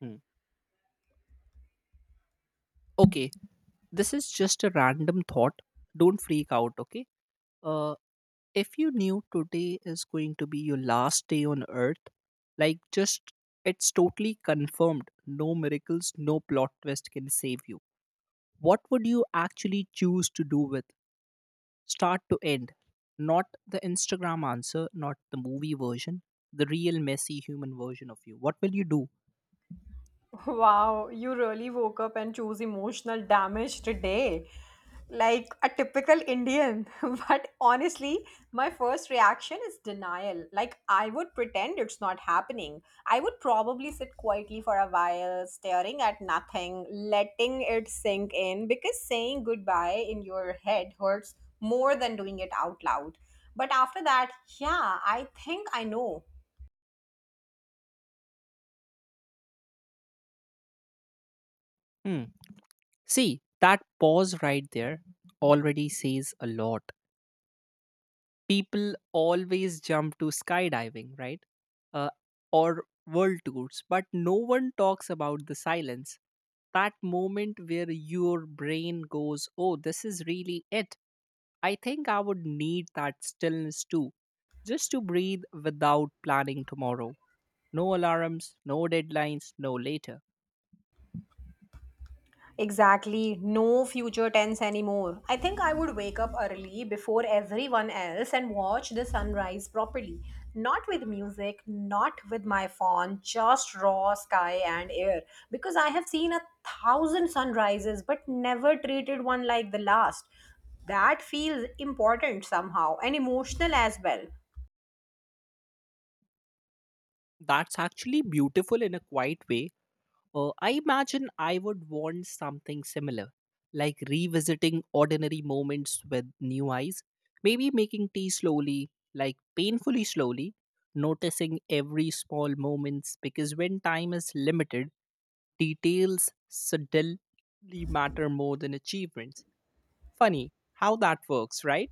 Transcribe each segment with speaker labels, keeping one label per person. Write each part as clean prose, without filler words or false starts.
Speaker 1: Hmm. Okay, this is just a random thought. Don't freak out, okay? Uh, if you knew today is going to be your last day on earth, like just it's totally confirmed, no miracles, no plot twist can save you. What would you actually choose to do with start to end? Not the Instagram answer, not the movie version, the real messy human version of you. What will you do?
Speaker 2: Wow, you really woke up and chose emotional damage today. Like a typical Indian. But honestly, my first reaction is denial. Like, I would pretend it's not happening. I would probably sit quietly for a while, staring at nothing, letting it sink in, because saying goodbye in your head hurts more than doing it out loud. But after that, yeah, I think I know.
Speaker 1: Hmm. See, that pause right there already says a lot. People always jump to skydiving, right? Uh, or world tours, but no one talks about the silence. That moment where your brain goes, oh, this is really it. I think I would need that stillness too, just to breathe without planning tomorrow. No alarms, no deadlines, no later.
Speaker 2: Exactly, no future tense anymore. I think I would wake up early before everyone else and watch the sunrise properly. Not with music, not with my phone, just raw sky and air. Because I have seen a thousand sunrises but never treated one like the last. That feels important somehow and emotional as well.
Speaker 1: That's actually beautiful in a quiet way. I imagine I would want something similar, like revisiting ordinary moments with new eyes, maybe making tea slowly, like painfully slowly, noticing every small moments because when time is limited, details subtly matter more than achievements. Funny how that works, right?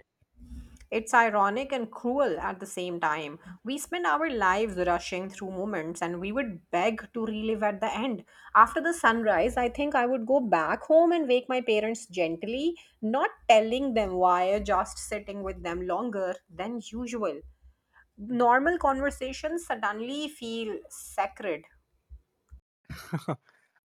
Speaker 2: It's ironic and cruel at the same time. We spend our lives rushing through moments and we would beg to relive at the end. After the sunrise, I think I would go back home and wake my parents gently, not telling them why, just sitting with them longer than usual. Normal conversations suddenly feel sacred.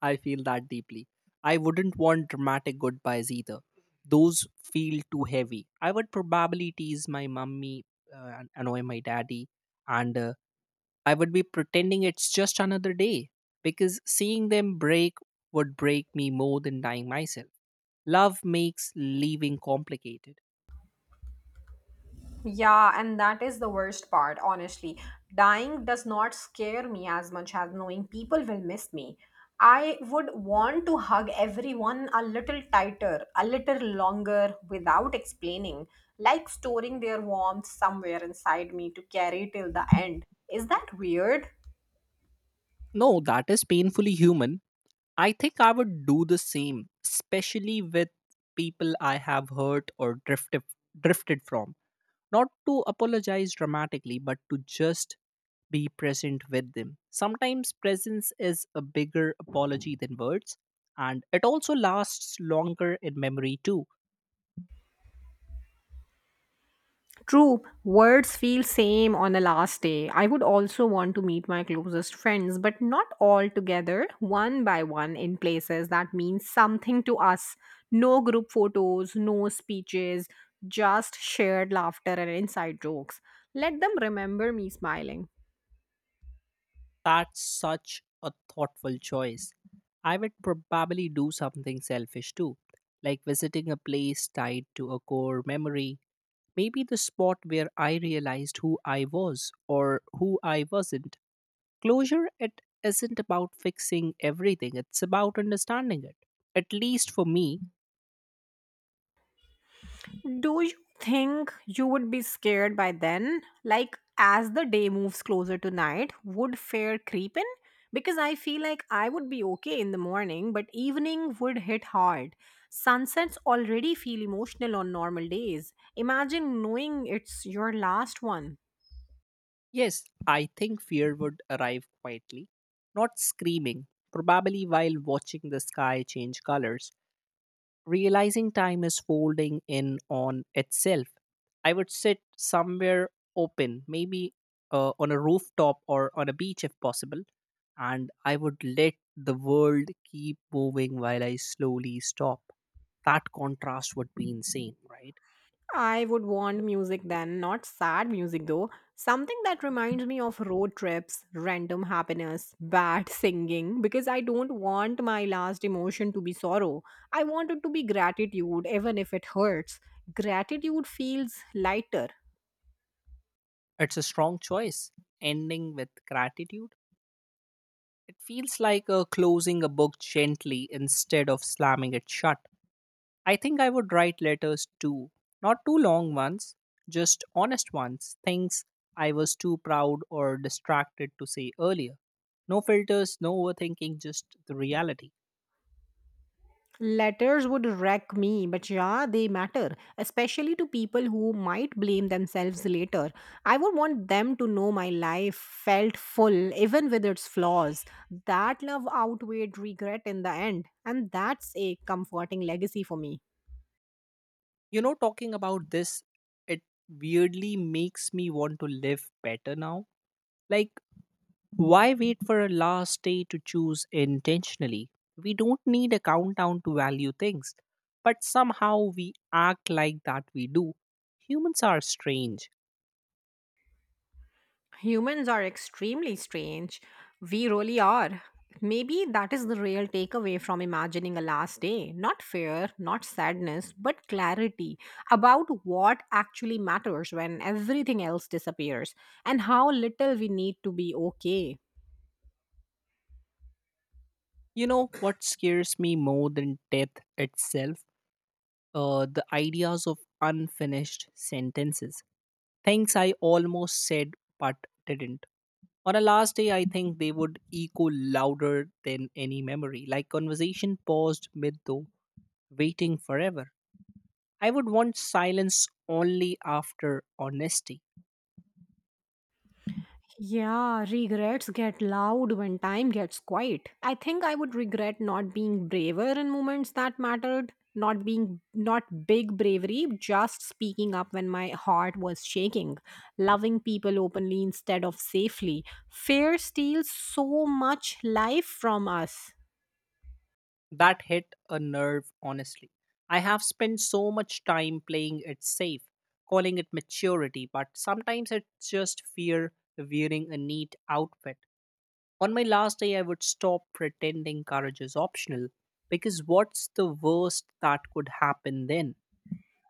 Speaker 1: I feel that deeply. I wouldn't want dramatic goodbyes either. Those feel too heavy. I would probably tease my mummy, and annoy my daddy, and I would be pretending it's just another day because seeing them break would break me more than dying myself. Love makes leaving complicated.
Speaker 2: Yeah, and that is the worst part, honestly. Dying does not scare me as much as knowing people will miss me. I would want to hug everyone a little tighter, a little longer without explaining, like storing their warmth somewhere inside me to carry till the end. Is that weird?
Speaker 1: No, that is painfully human. I think I would do the same, especially with people I have hurt or drifted from. Not to apologize dramatically, but to just be present with them. Sometimes presence is a bigger apology than words, and it also lasts longer in memory too.
Speaker 2: True, words feel same on the last day. I would also want to meet my closest friends, but not all together, one by one in places that mean something to us. No group photos, no speeches, just shared laughter and inside jokes. Let them remember me smiling.
Speaker 1: That's such a thoughtful choice. I would probably do something selfish too, like visiting a place tied to a core memory. Maybe the spot where I realized who I was or who I wasn't. Closure it isn't about fixing everything, it's about understanding it. At least for me,
Speaker 2: Do you think you would be scared by then? Like, as the day moves closer to night, would fear creep in? Because I feel like I would be okay in the morning, but evening would hit hard. Sunsets already feel emotional on normal days. Imagine knowing it's your last one.
Speaker 1: yes, I think fear would arrive quietly, not screaming, probably while watching the sky change colors, realizing time is folding in on itself. I would sit somewhere open, maybe on a rooftop or on a beach if possible, and I would let the world keep moving while I slowly stop. That contrast would be insane, right?
Speaker 2: I would want music then, not sad music though. Something that reminds me of road trips, random happiness, bad singing, because I don't want my last emotion to be sorrow. I want it to be gratitude, even if it hurts. Gratitude feels lighter.
Speaker 1: It's a strong choice. Ending with gratitude. It feels like closing a book gently instead of slamming it shut. I think I would write letters too. Not too long ones, just honest ones, things I was too proud or distracted to say earlier. No filters, no overthinking, just the reality.
Speaker 2: Letters would wreck me, but yeah, they matter, especially to people who might blame themselves later. I would want them to know my life felt full, even with its flaws. That love outweighed regret in the end, and that's a comforting legacy for me.
Speaker 1: You know, talking about this, it weirdly makes me want to live better now. Like, why wait for a last day to choose intentionally? We don't need a countdown to value things, but somehow we act like that we do. Humans are strange.
Speaker 2: Humans are extremely strange. We really are. Maybe that is the real takeaway from imagining a last day. Not fear, not sadness, but clarity about what actually matters when everything else disappears and how little we need to be okay.
Speaker 1: You know what scares me more than death itself? The ideas of unfinished sentences. Things I almost said but didn't. On a last day, I think they would echo louder than any memory, like conversation paused mid though, waiting forever. I would want silence only after honesty.
Speaker 2: Yeah, regrets get loud when time gets quiet. I think I would regret not being braver in moments that mattered, not being not big bravery, just speaking up when my heart was shaking, loving people openly instead of safely. Fear steals so much life from us.
Speaker 1: That hit a nerve, honestly. I have spent so much time playing it safe, calling it maturity, but sometimes it's just fear wearing a neat outfit. On my last day, I would stop pretending courage is optional because what's the worst that could happen then?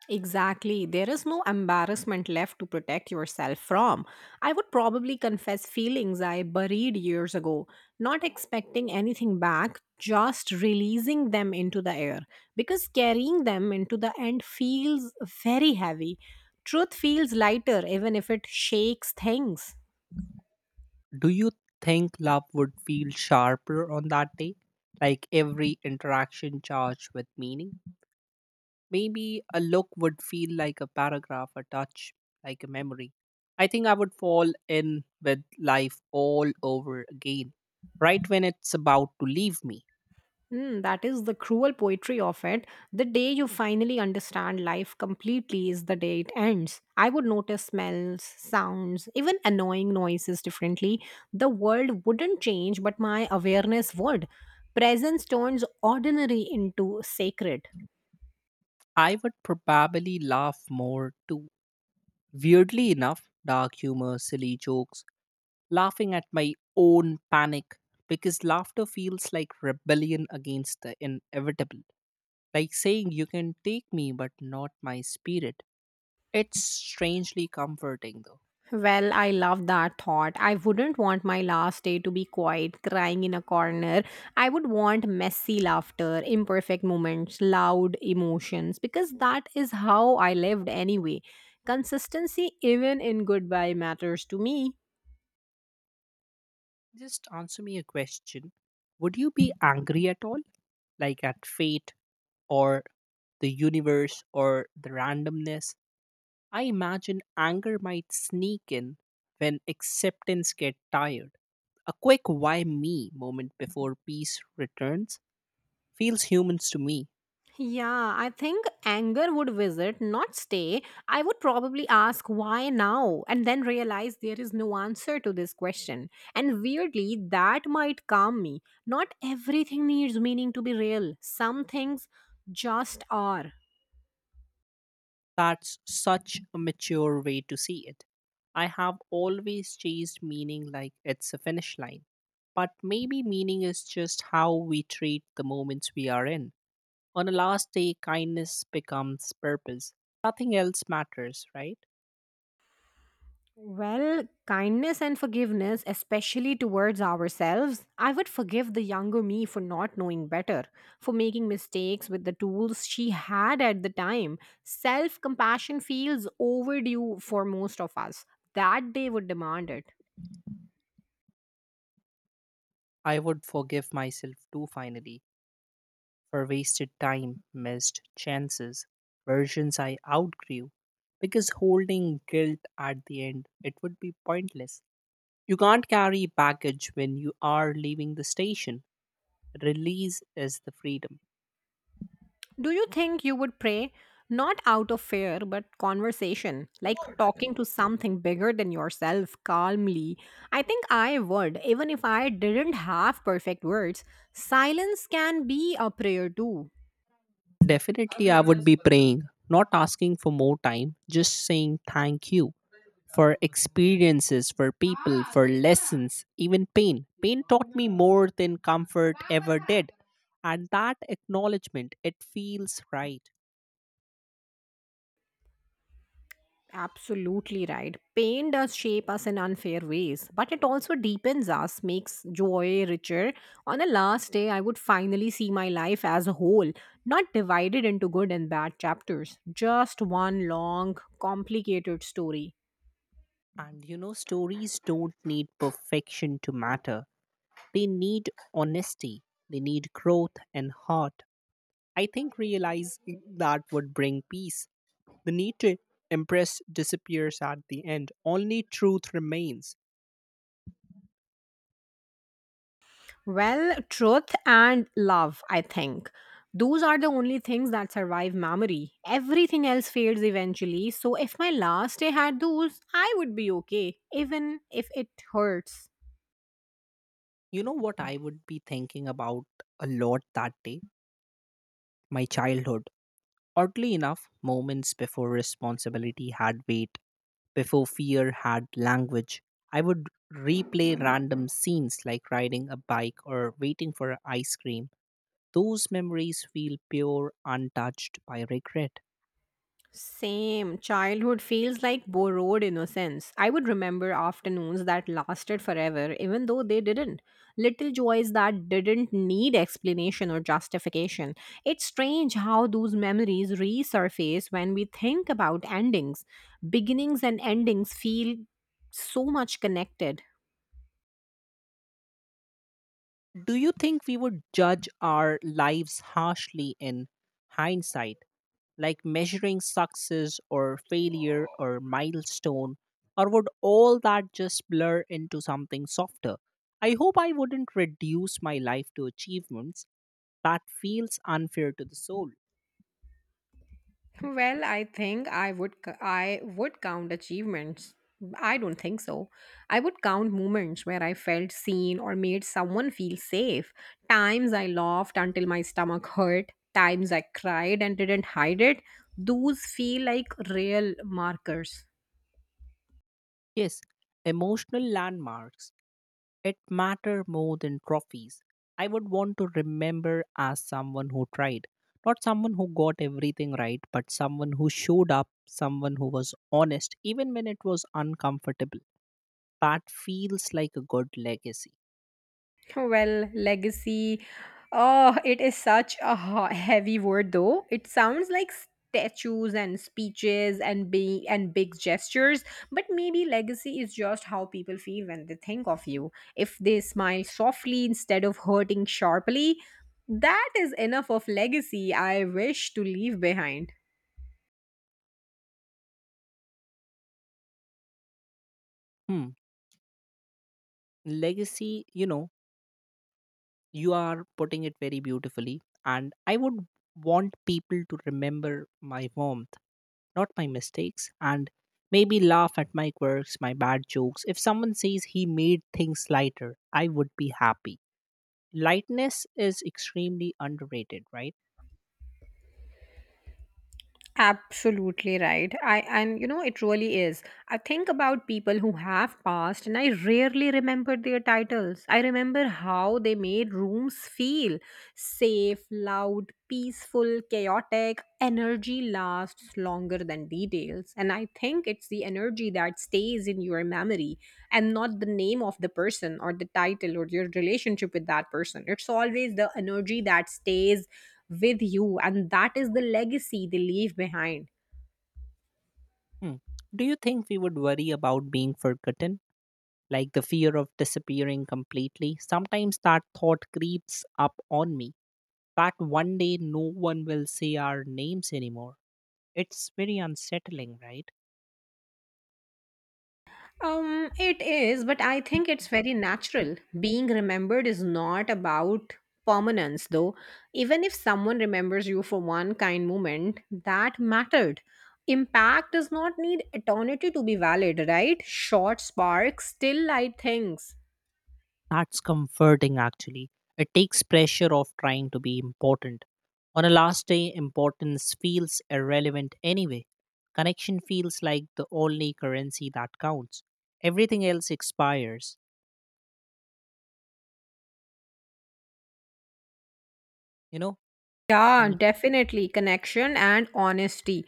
Speaker 2: Exactly. There is no embarrassment left to protect yourself from. I would probably confess feelings I buried years ago, not expecting anything back, just releasing them into the air. Because carrying them into the end feels very heavy. Truth feels lighter, even if it shakes things.
Speaker 1: Do you think love would feel sharper on that day? Like every interaction charged with meaning? Maybe a look would feel like a paragraph, a touch, like a memory. I think I would fall in with life all over again, right when it's about to leave me.
Speaker 2: Mm, that is the cruel poetry of it. The day you finally understand life completely is the day it ends. I would notice smells, sounds, even annoying noises differently. The world wouldn't change, but my awareness would. Presence turns ordinary into sacred.
Speaker 1: I would probably laugh more too. Weirdly enough, dark humor, silly jokes, laughing at my own panic because laughter feels like rebellion against the inevitable. Like saying, "You can take me, but not my spirit." It's strangely comforting though.
Speaker 2: Well, I love that thought. I wouldn't want my last day to be quiet, crying in a corner. I would want messy laughter, imperfect moments, loud emotions, because that is how I lived anyway. Consistency, even in goodbye, matters to me.
Speaker 1: Just answer me a question. Would you be angry at all? Like at fate or the universe or the randomness? I imagine anger might sneak in when acceptance get tired. A quick why me moment before peace returns feels humans to me.
Speaker 2: Yeah, I think anger would visit, not stay. I would probably ask why now and then realize there is no answer to this question. And weirdly, that might calm me. Not everything needs meaning to be real, some things just are.
Speaker 1: That's such a mature way to see it. I have always chased meaning like it's a finish line. But maybe meaning is just how we treat the moments we are in. On a last day, kindness becomes purpose. Nothing else matters, right?
Speaker 2: Well, kindness and forgiveness, especially towards ourselves. I would forgive the younger me for not knowing better, for making mistakes with the tools she had at the time. Self compassion feels overdue for most of us. That day would demand it.
Speaker 1: I would forgive myself too finally for wasted time, missed chances, versions I outgrew. Because holding guilt at the end, it would be pointless. You can't carry baggage when you are leaving the station. Release is the freedom.
Speaker 2: Do you think you would pray not out of fear, but conversation, like talking to something bigger than yourself calmly? I think I would, even if I didn't have perfect words. Silence can be a prayer too.
Speaker 1: Definitely, I would be praying, not asking for more time, just saying thank you for experiences, for people, for lessons, even pain. Pain taught me more than comfort ever did. And that acknowledgement, it feels right.
Speaker 2: Absolutely right. Pain does shape us in unfair ways, but it also deepens us, makes joy richer. On the last day, I would finally see my life as a whole, not divided into good and bad chapters, just one long, complicated story.
Speaker 1: And you know, stories don't need perfection to matter. They need honesty, they need growth and heart. I think realizing that would bring peace. The need to impress disappears at the end, only truth remains.
Speaker 2: Well, truth and love, I think. Those are the only things that survive memory. Everything else fades eventually, so if my last day had those, I would be okay, even if it hurts.
Speaker 1: You know what I would be thinking about a lot that day? My childhood. Oddly enough, moments before responsibility had weight, before fear had language, I would replay random scenes like riding a bike or waiting for ice cream. Those memories feel pure, untouched by regret.
Speaker 2: Same. Childhood feels like borrowed innocence. I would remember afternoons that lasted forever, even though they didn't. Little joys that didn't need explanation or justification. It's strange how those memories resurface when we think about endings. Beginnings and endings feel so much connected.
Speaker 1: Do you think we would judge our lives harshly in hindsight, like measuring success or failure or milestone, or would all that just blur into something softer? I hope I wouldn't reduce my life to achievements. That feels unfair to the soul.
Speaker 2: Well, I think I would count achievements. I don't think so. I would count moments where I felt seen or made someone feel safe. Times I laughed until my stomach hurt, times I cried and didn't hide it. Those feel like real markers.
Speaker 1: Yes, emotional landmarks. It matter more than trophies. I would want to remember as someone who tried, not someone who got everything right, but someone who showed up, someone who was honest, even when it was uncomfortable. That feels like a good legacy.
Speaker 2: Well, legacy. Oh, it is such a heavy word, though. It sounds like statues and speeches and big gestures, but maybe legacy is just how people feel when they think of you. If they smile softly instead of hurting sharply, that is enough of legacy I wish to leave behind.
Speaker 1: Hmm. Legacy, you know, you are putting it very beautifully, and I would want people to remember my home not my mistakes, and maybe laugh at my quirks, my bad jokes. If someone says he made things lighter, I would be happy. Lightness is extremely underrated, right?
Speaker 2: Absolutely right. I and you know it really is. I think about people who have passed and I rarely remember their titles. I remember how they made rooms feel safe, loud, peaceful, chaotic. Energy lasts longer than details and I think it's the energy that stays in your memory and not the name of the person or the title or your relationship with that person. It's always the energy that stays with you and that is the legacy they leave behind.
Speaker 1: Hmm. Do you think we would worry about being forgotten? Like the fear of disappearing completely? Sometimes that thought creeps up on me that one day no one will say our names anymore. It's very unsettling, right?
Speaker 2: It is, but I think it's very natural. Being remembered is not about permanence, though. Even if someone remembers you for one kind moment that mattered, impact does not need eternity to be valid, right? Short sparks still light things.
Speaker 1: That's comforting actually. It takes pressure off trying to be important. On a last day, importance feels irrelevant anyway. Connection feels like the only currency that counts. Everything else expires. You know,
Speaker 2: Yeah, definitely connection and honesty.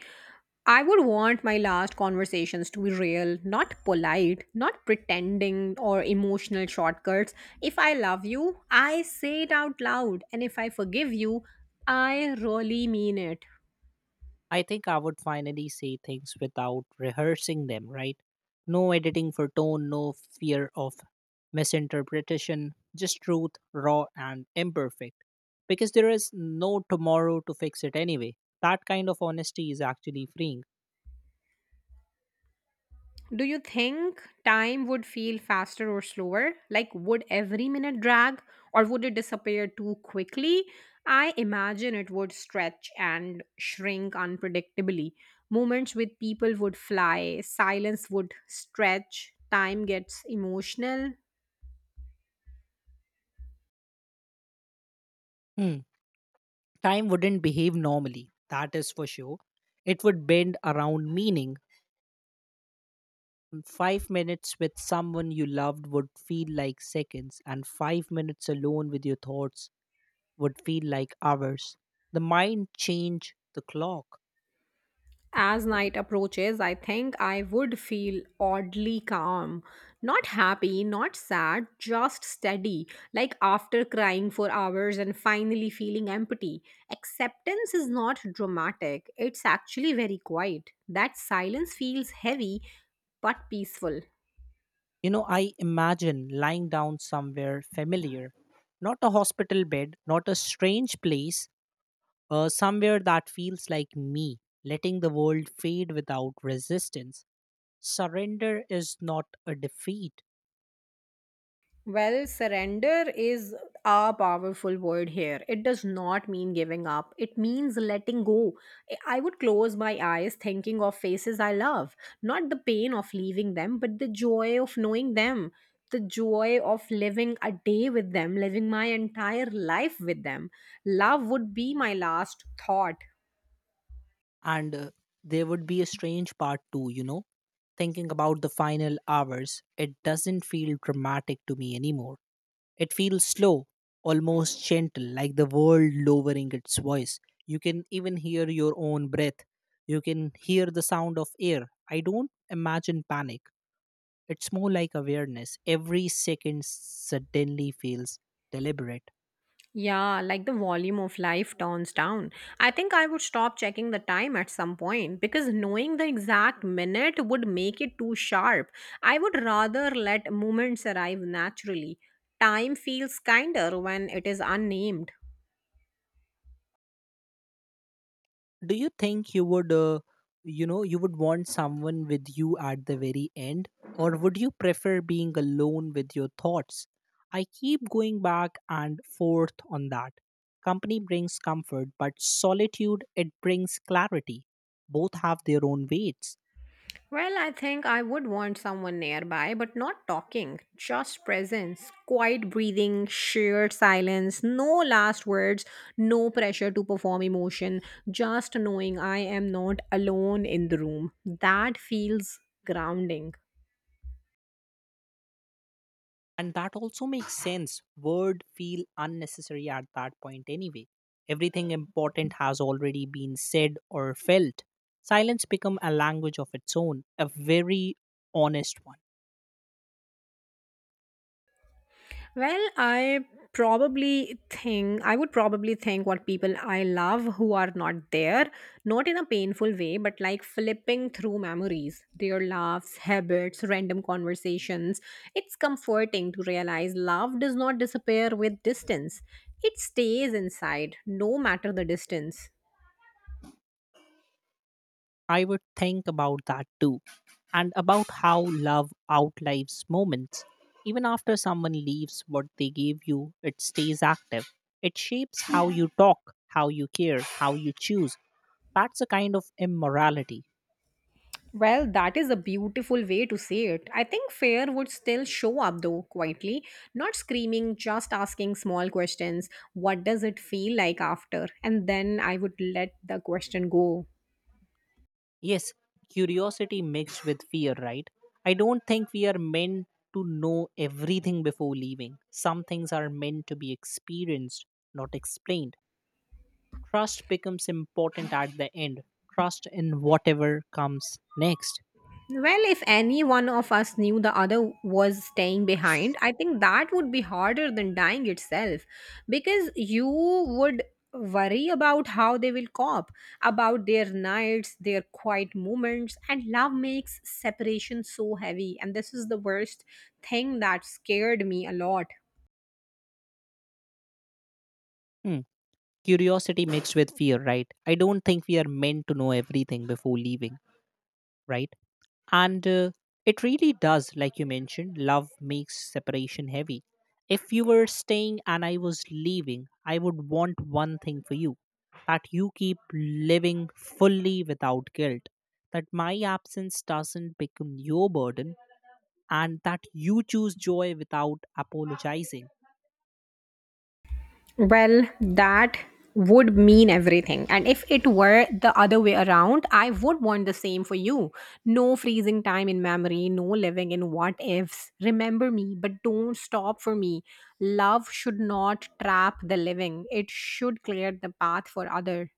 Speaker 2: I would want my last conversations to be real, not polite, not pretending or emotional shortcuts. If I love you, I say it out loud, and if I forgive you, I really mean it.
Speaker 1: I think I would finally say things without rehearsing them, right? No editing for tone, no fear of misinterpretation, just truth, raw and imperfect. Because there is no tomorrow to fix it anyway. That kind of honesty is actually freeing.
Speaker 2: Do you think time would feel faster or slower? Like, would every minute drag or would it disappear too quickly? I imagine it would stretch and shrink unpredictably. Moments with people would fly, silence would stretch, time gets emotional.
Speaker 1: Hmm. Time wouldn't behave normally, that is for sure. It would bend around meaning. 5 minutes with someone you loved would feel like seconds, and 5 minutes alone with your thoughts would feel like hours. The mind changed the clock.
Speaker 2: As night approaches, I think I would feel oddly calm. Not happy, not sad, just steady. Like after crying for hours and finally feeling empty. Acceptance is not dramatic, it's actually very quiet. That silence feels heavy but peaceful.
Speaker 1: You know, I imagine lying down somewhere familiar, not a hospital bed, not a strange place, somewhere that feels like me, letting the world fade without resistance. Surrender is not a defeat.
Speaker 2: Well, surrender is a powerful word here. It does not mean giving up, it means letting go. I would close my eyes thinking of faces I love, not the pain of leaving them, but the joy of knowing them, the joy of living a day with them, living my entire life with them. Love would be my last thought.
Speaker 1: And there would be a strange part too, you know, thinking about the final hours. It doesn't feel dramatic to me anymore. It feels slow, almost gentle, like the world lowering its voice. You can even hear your own breath. You can hear the sound of air. I don't imagine panic. It's more like awareness. Every second suddenly feels deliberate.
Speaker 2: Yeah, like the volume of life turns down. I think I would stop checking the time at some point because knowing the exact minute would make it too sharp. I would rather let moments arrive naturally. Time feels kinder when it is unnamed.
Speaker 1: Do you think you would want someone with you at the very end, or would you prefer being alone with your thoughts? I keep going back and forth on that. Company brings comfort, but solitude it brings clarity. Both have their own weights.
Speaker 2: Well, I think I would want someone nearby, but not talking, just presence, quiet breathing, sheer silence, no last words, no pressure to perform emotion, just knowing I am not alone in the room. That feels grounding.
Speaker 1: And that also makes sense. Word feel unnecessary at that point anyway. Everything important has already been said or felt. Silence become a language of its own, a very honest one.
Speaker 2: Well, I would probably think what people I love who are not there, not in a painful way, but like flipping through memories, their laughs, habits, random conversations. It's comforting to realize love does not disappear with distance. It stays inside, no matter the distance.
Speaker 1: I would think about that too, and about how love outlives moments. Even after someone leaves what they gave you, it stays active. It shapes how you talk, how you care, how you choose. That's a kind of immorality.
Speaker 2: Well, that is a beautiful way to say it. I think fear would still show up though, quietly, not screaming, just asking small questions. What does it feel like after? And then I would let the question go.
Speaker 1: Yes, curiosity mixed with fear, right? I don't think we are meant to know everything before leaving. Some things are meant to be experienced, not explained. Trust becomes important at the end. Trust in whatever comes next.
Speaker 2: Well, if any one of us knew the other was staying behind, I think that would be harder than dying itself because you would worry about how they will cope, about their nights, their quiet moments, and love makes separation so heavy. And this is the worst thing that scared me a lot.
Speaker 1: Hmm. Curiosity mixed with fear, right? I don't think we are meant to know everything before leaving. Right? And it really does, like you mentioned, love makes separation heavy. If you were staying and I was leaving, I would want one thing for you: that you keep living fully without guilt, that my absence doesn't become your burden, and that you choose joy without apologizing.
Speaker 2: Well, that would mean everything. And if it were the other way around, I would want the same for you. No freezing time in memory, no living in what ifs. Remember me, but don't stop for me. Love should not trap the living, it should clear the path for others.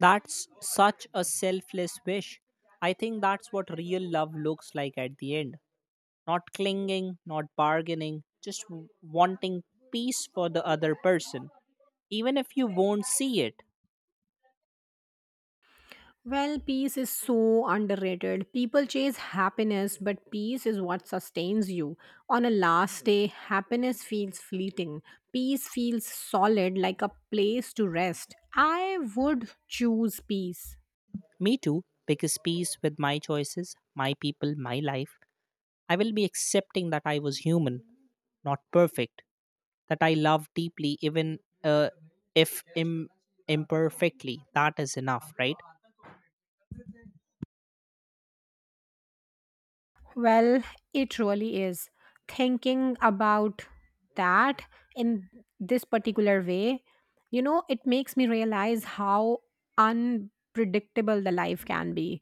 Speaker 1: That's such a selfless wish. I think that's what real love looks like at the end. Not clinging, not bargaining, just wanting peace for the other person, even if you won't see it.
Speaker 2: Well, peace is so underrated. People chase happiness, but peace is what sustains you. On a last day, happiness feels fleeting. Peace feels solid, like a place to rest. I would choose peace.
Speaker 1: Me too, because peace with my choices, my people, my life. I will be accepting that I was human, not perfect, that I love deeply, even if imperfectly. That is enough, right?
Speaker 2: Well, it really is. Thinking about that in this particular way, you know, it makes me realize how unpredictable the life can be.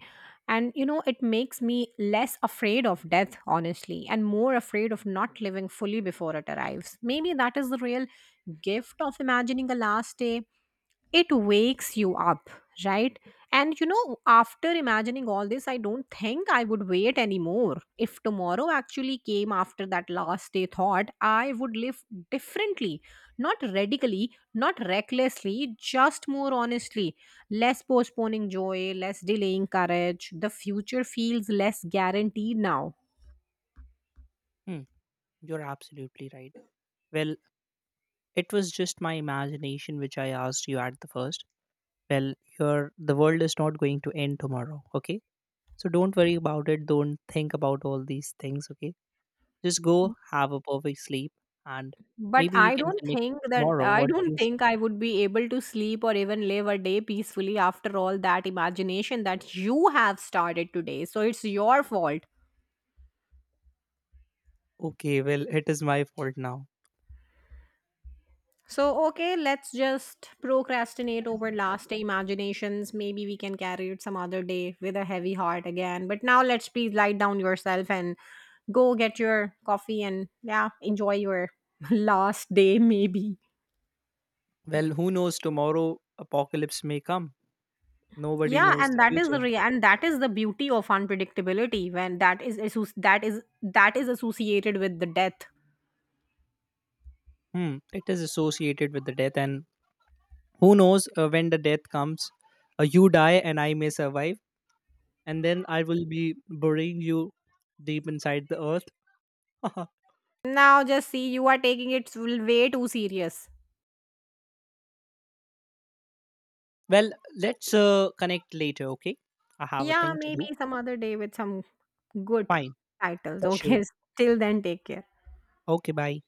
Speaker 2: And, you know, it makes me less afraid of death, honestly, and more afraid of not living fully before it arrives. Maybe that is the real gift of imagining a last day. It wakes you up, right? And you know, after imagining all this, I don't think I would wait anymore. If tomorrow actually came after that last day thought, I would live differently. Not radically, not recklessly, just more honestly. Less postponing joy, less delaying courage. The future feels less guaranteed now.
Speaker 1: Hmm, you're absolutely right. Well, it was just my imagination, which I asked you at the first. Well, your the world is not going to end tomorrow, okay? So don't worry about it. Don't think about all these things, okay? Just go have a perfect sleep, and
Speaker 2: But
Speaker 1: maybe we can connect tomorrow.
Speaker 2: I
Speaker 1: What do
Speaker 2: don't
Speaker 1: you say?
Speaker 2: think I would be able to sleep or even live a day peacefully after all that imagination that you have started today. So it's your fault.
Speaker 1: Okay, well, it is my fault now.
Speaker 2: So, okay, let's just procrastinate over last day imaginations. Maybe we can carry it some other day with a heavy heart again. But now let's please lie down yourself and go get your coffee and yeah, enjoy your last day, maybe.
Speaker 1: Well, who knows? Tomorrow, apocalypse may come. Nobody
Speaker 2: Yeah,
Speaker 1: knows
Speaker 2: and
Speaker 1: the future.
Speaker 2: that is the beauty of unpredictability when that is associated with the death.
Speaker 1: It is associated with the death, and who knows when the death comes? You die, and I may survive, and then I will be burying you deep inside the earth.
Speaker 2: Now just see you are taking it way too serious.
Speaker 1: Well, let's connect later, okay? I have a
Speaker 2: Yeah,
Speaker 1: thing to
Speaker 2: maybe
Speaker 1: do.
Speaker 2: some other day with some good
Speaker 1: Fine,
Speaker 2: titles.
Speaker 1: for sure.
Speaker 2: Okay, till then take care.
Speaker 1: Okay, bye.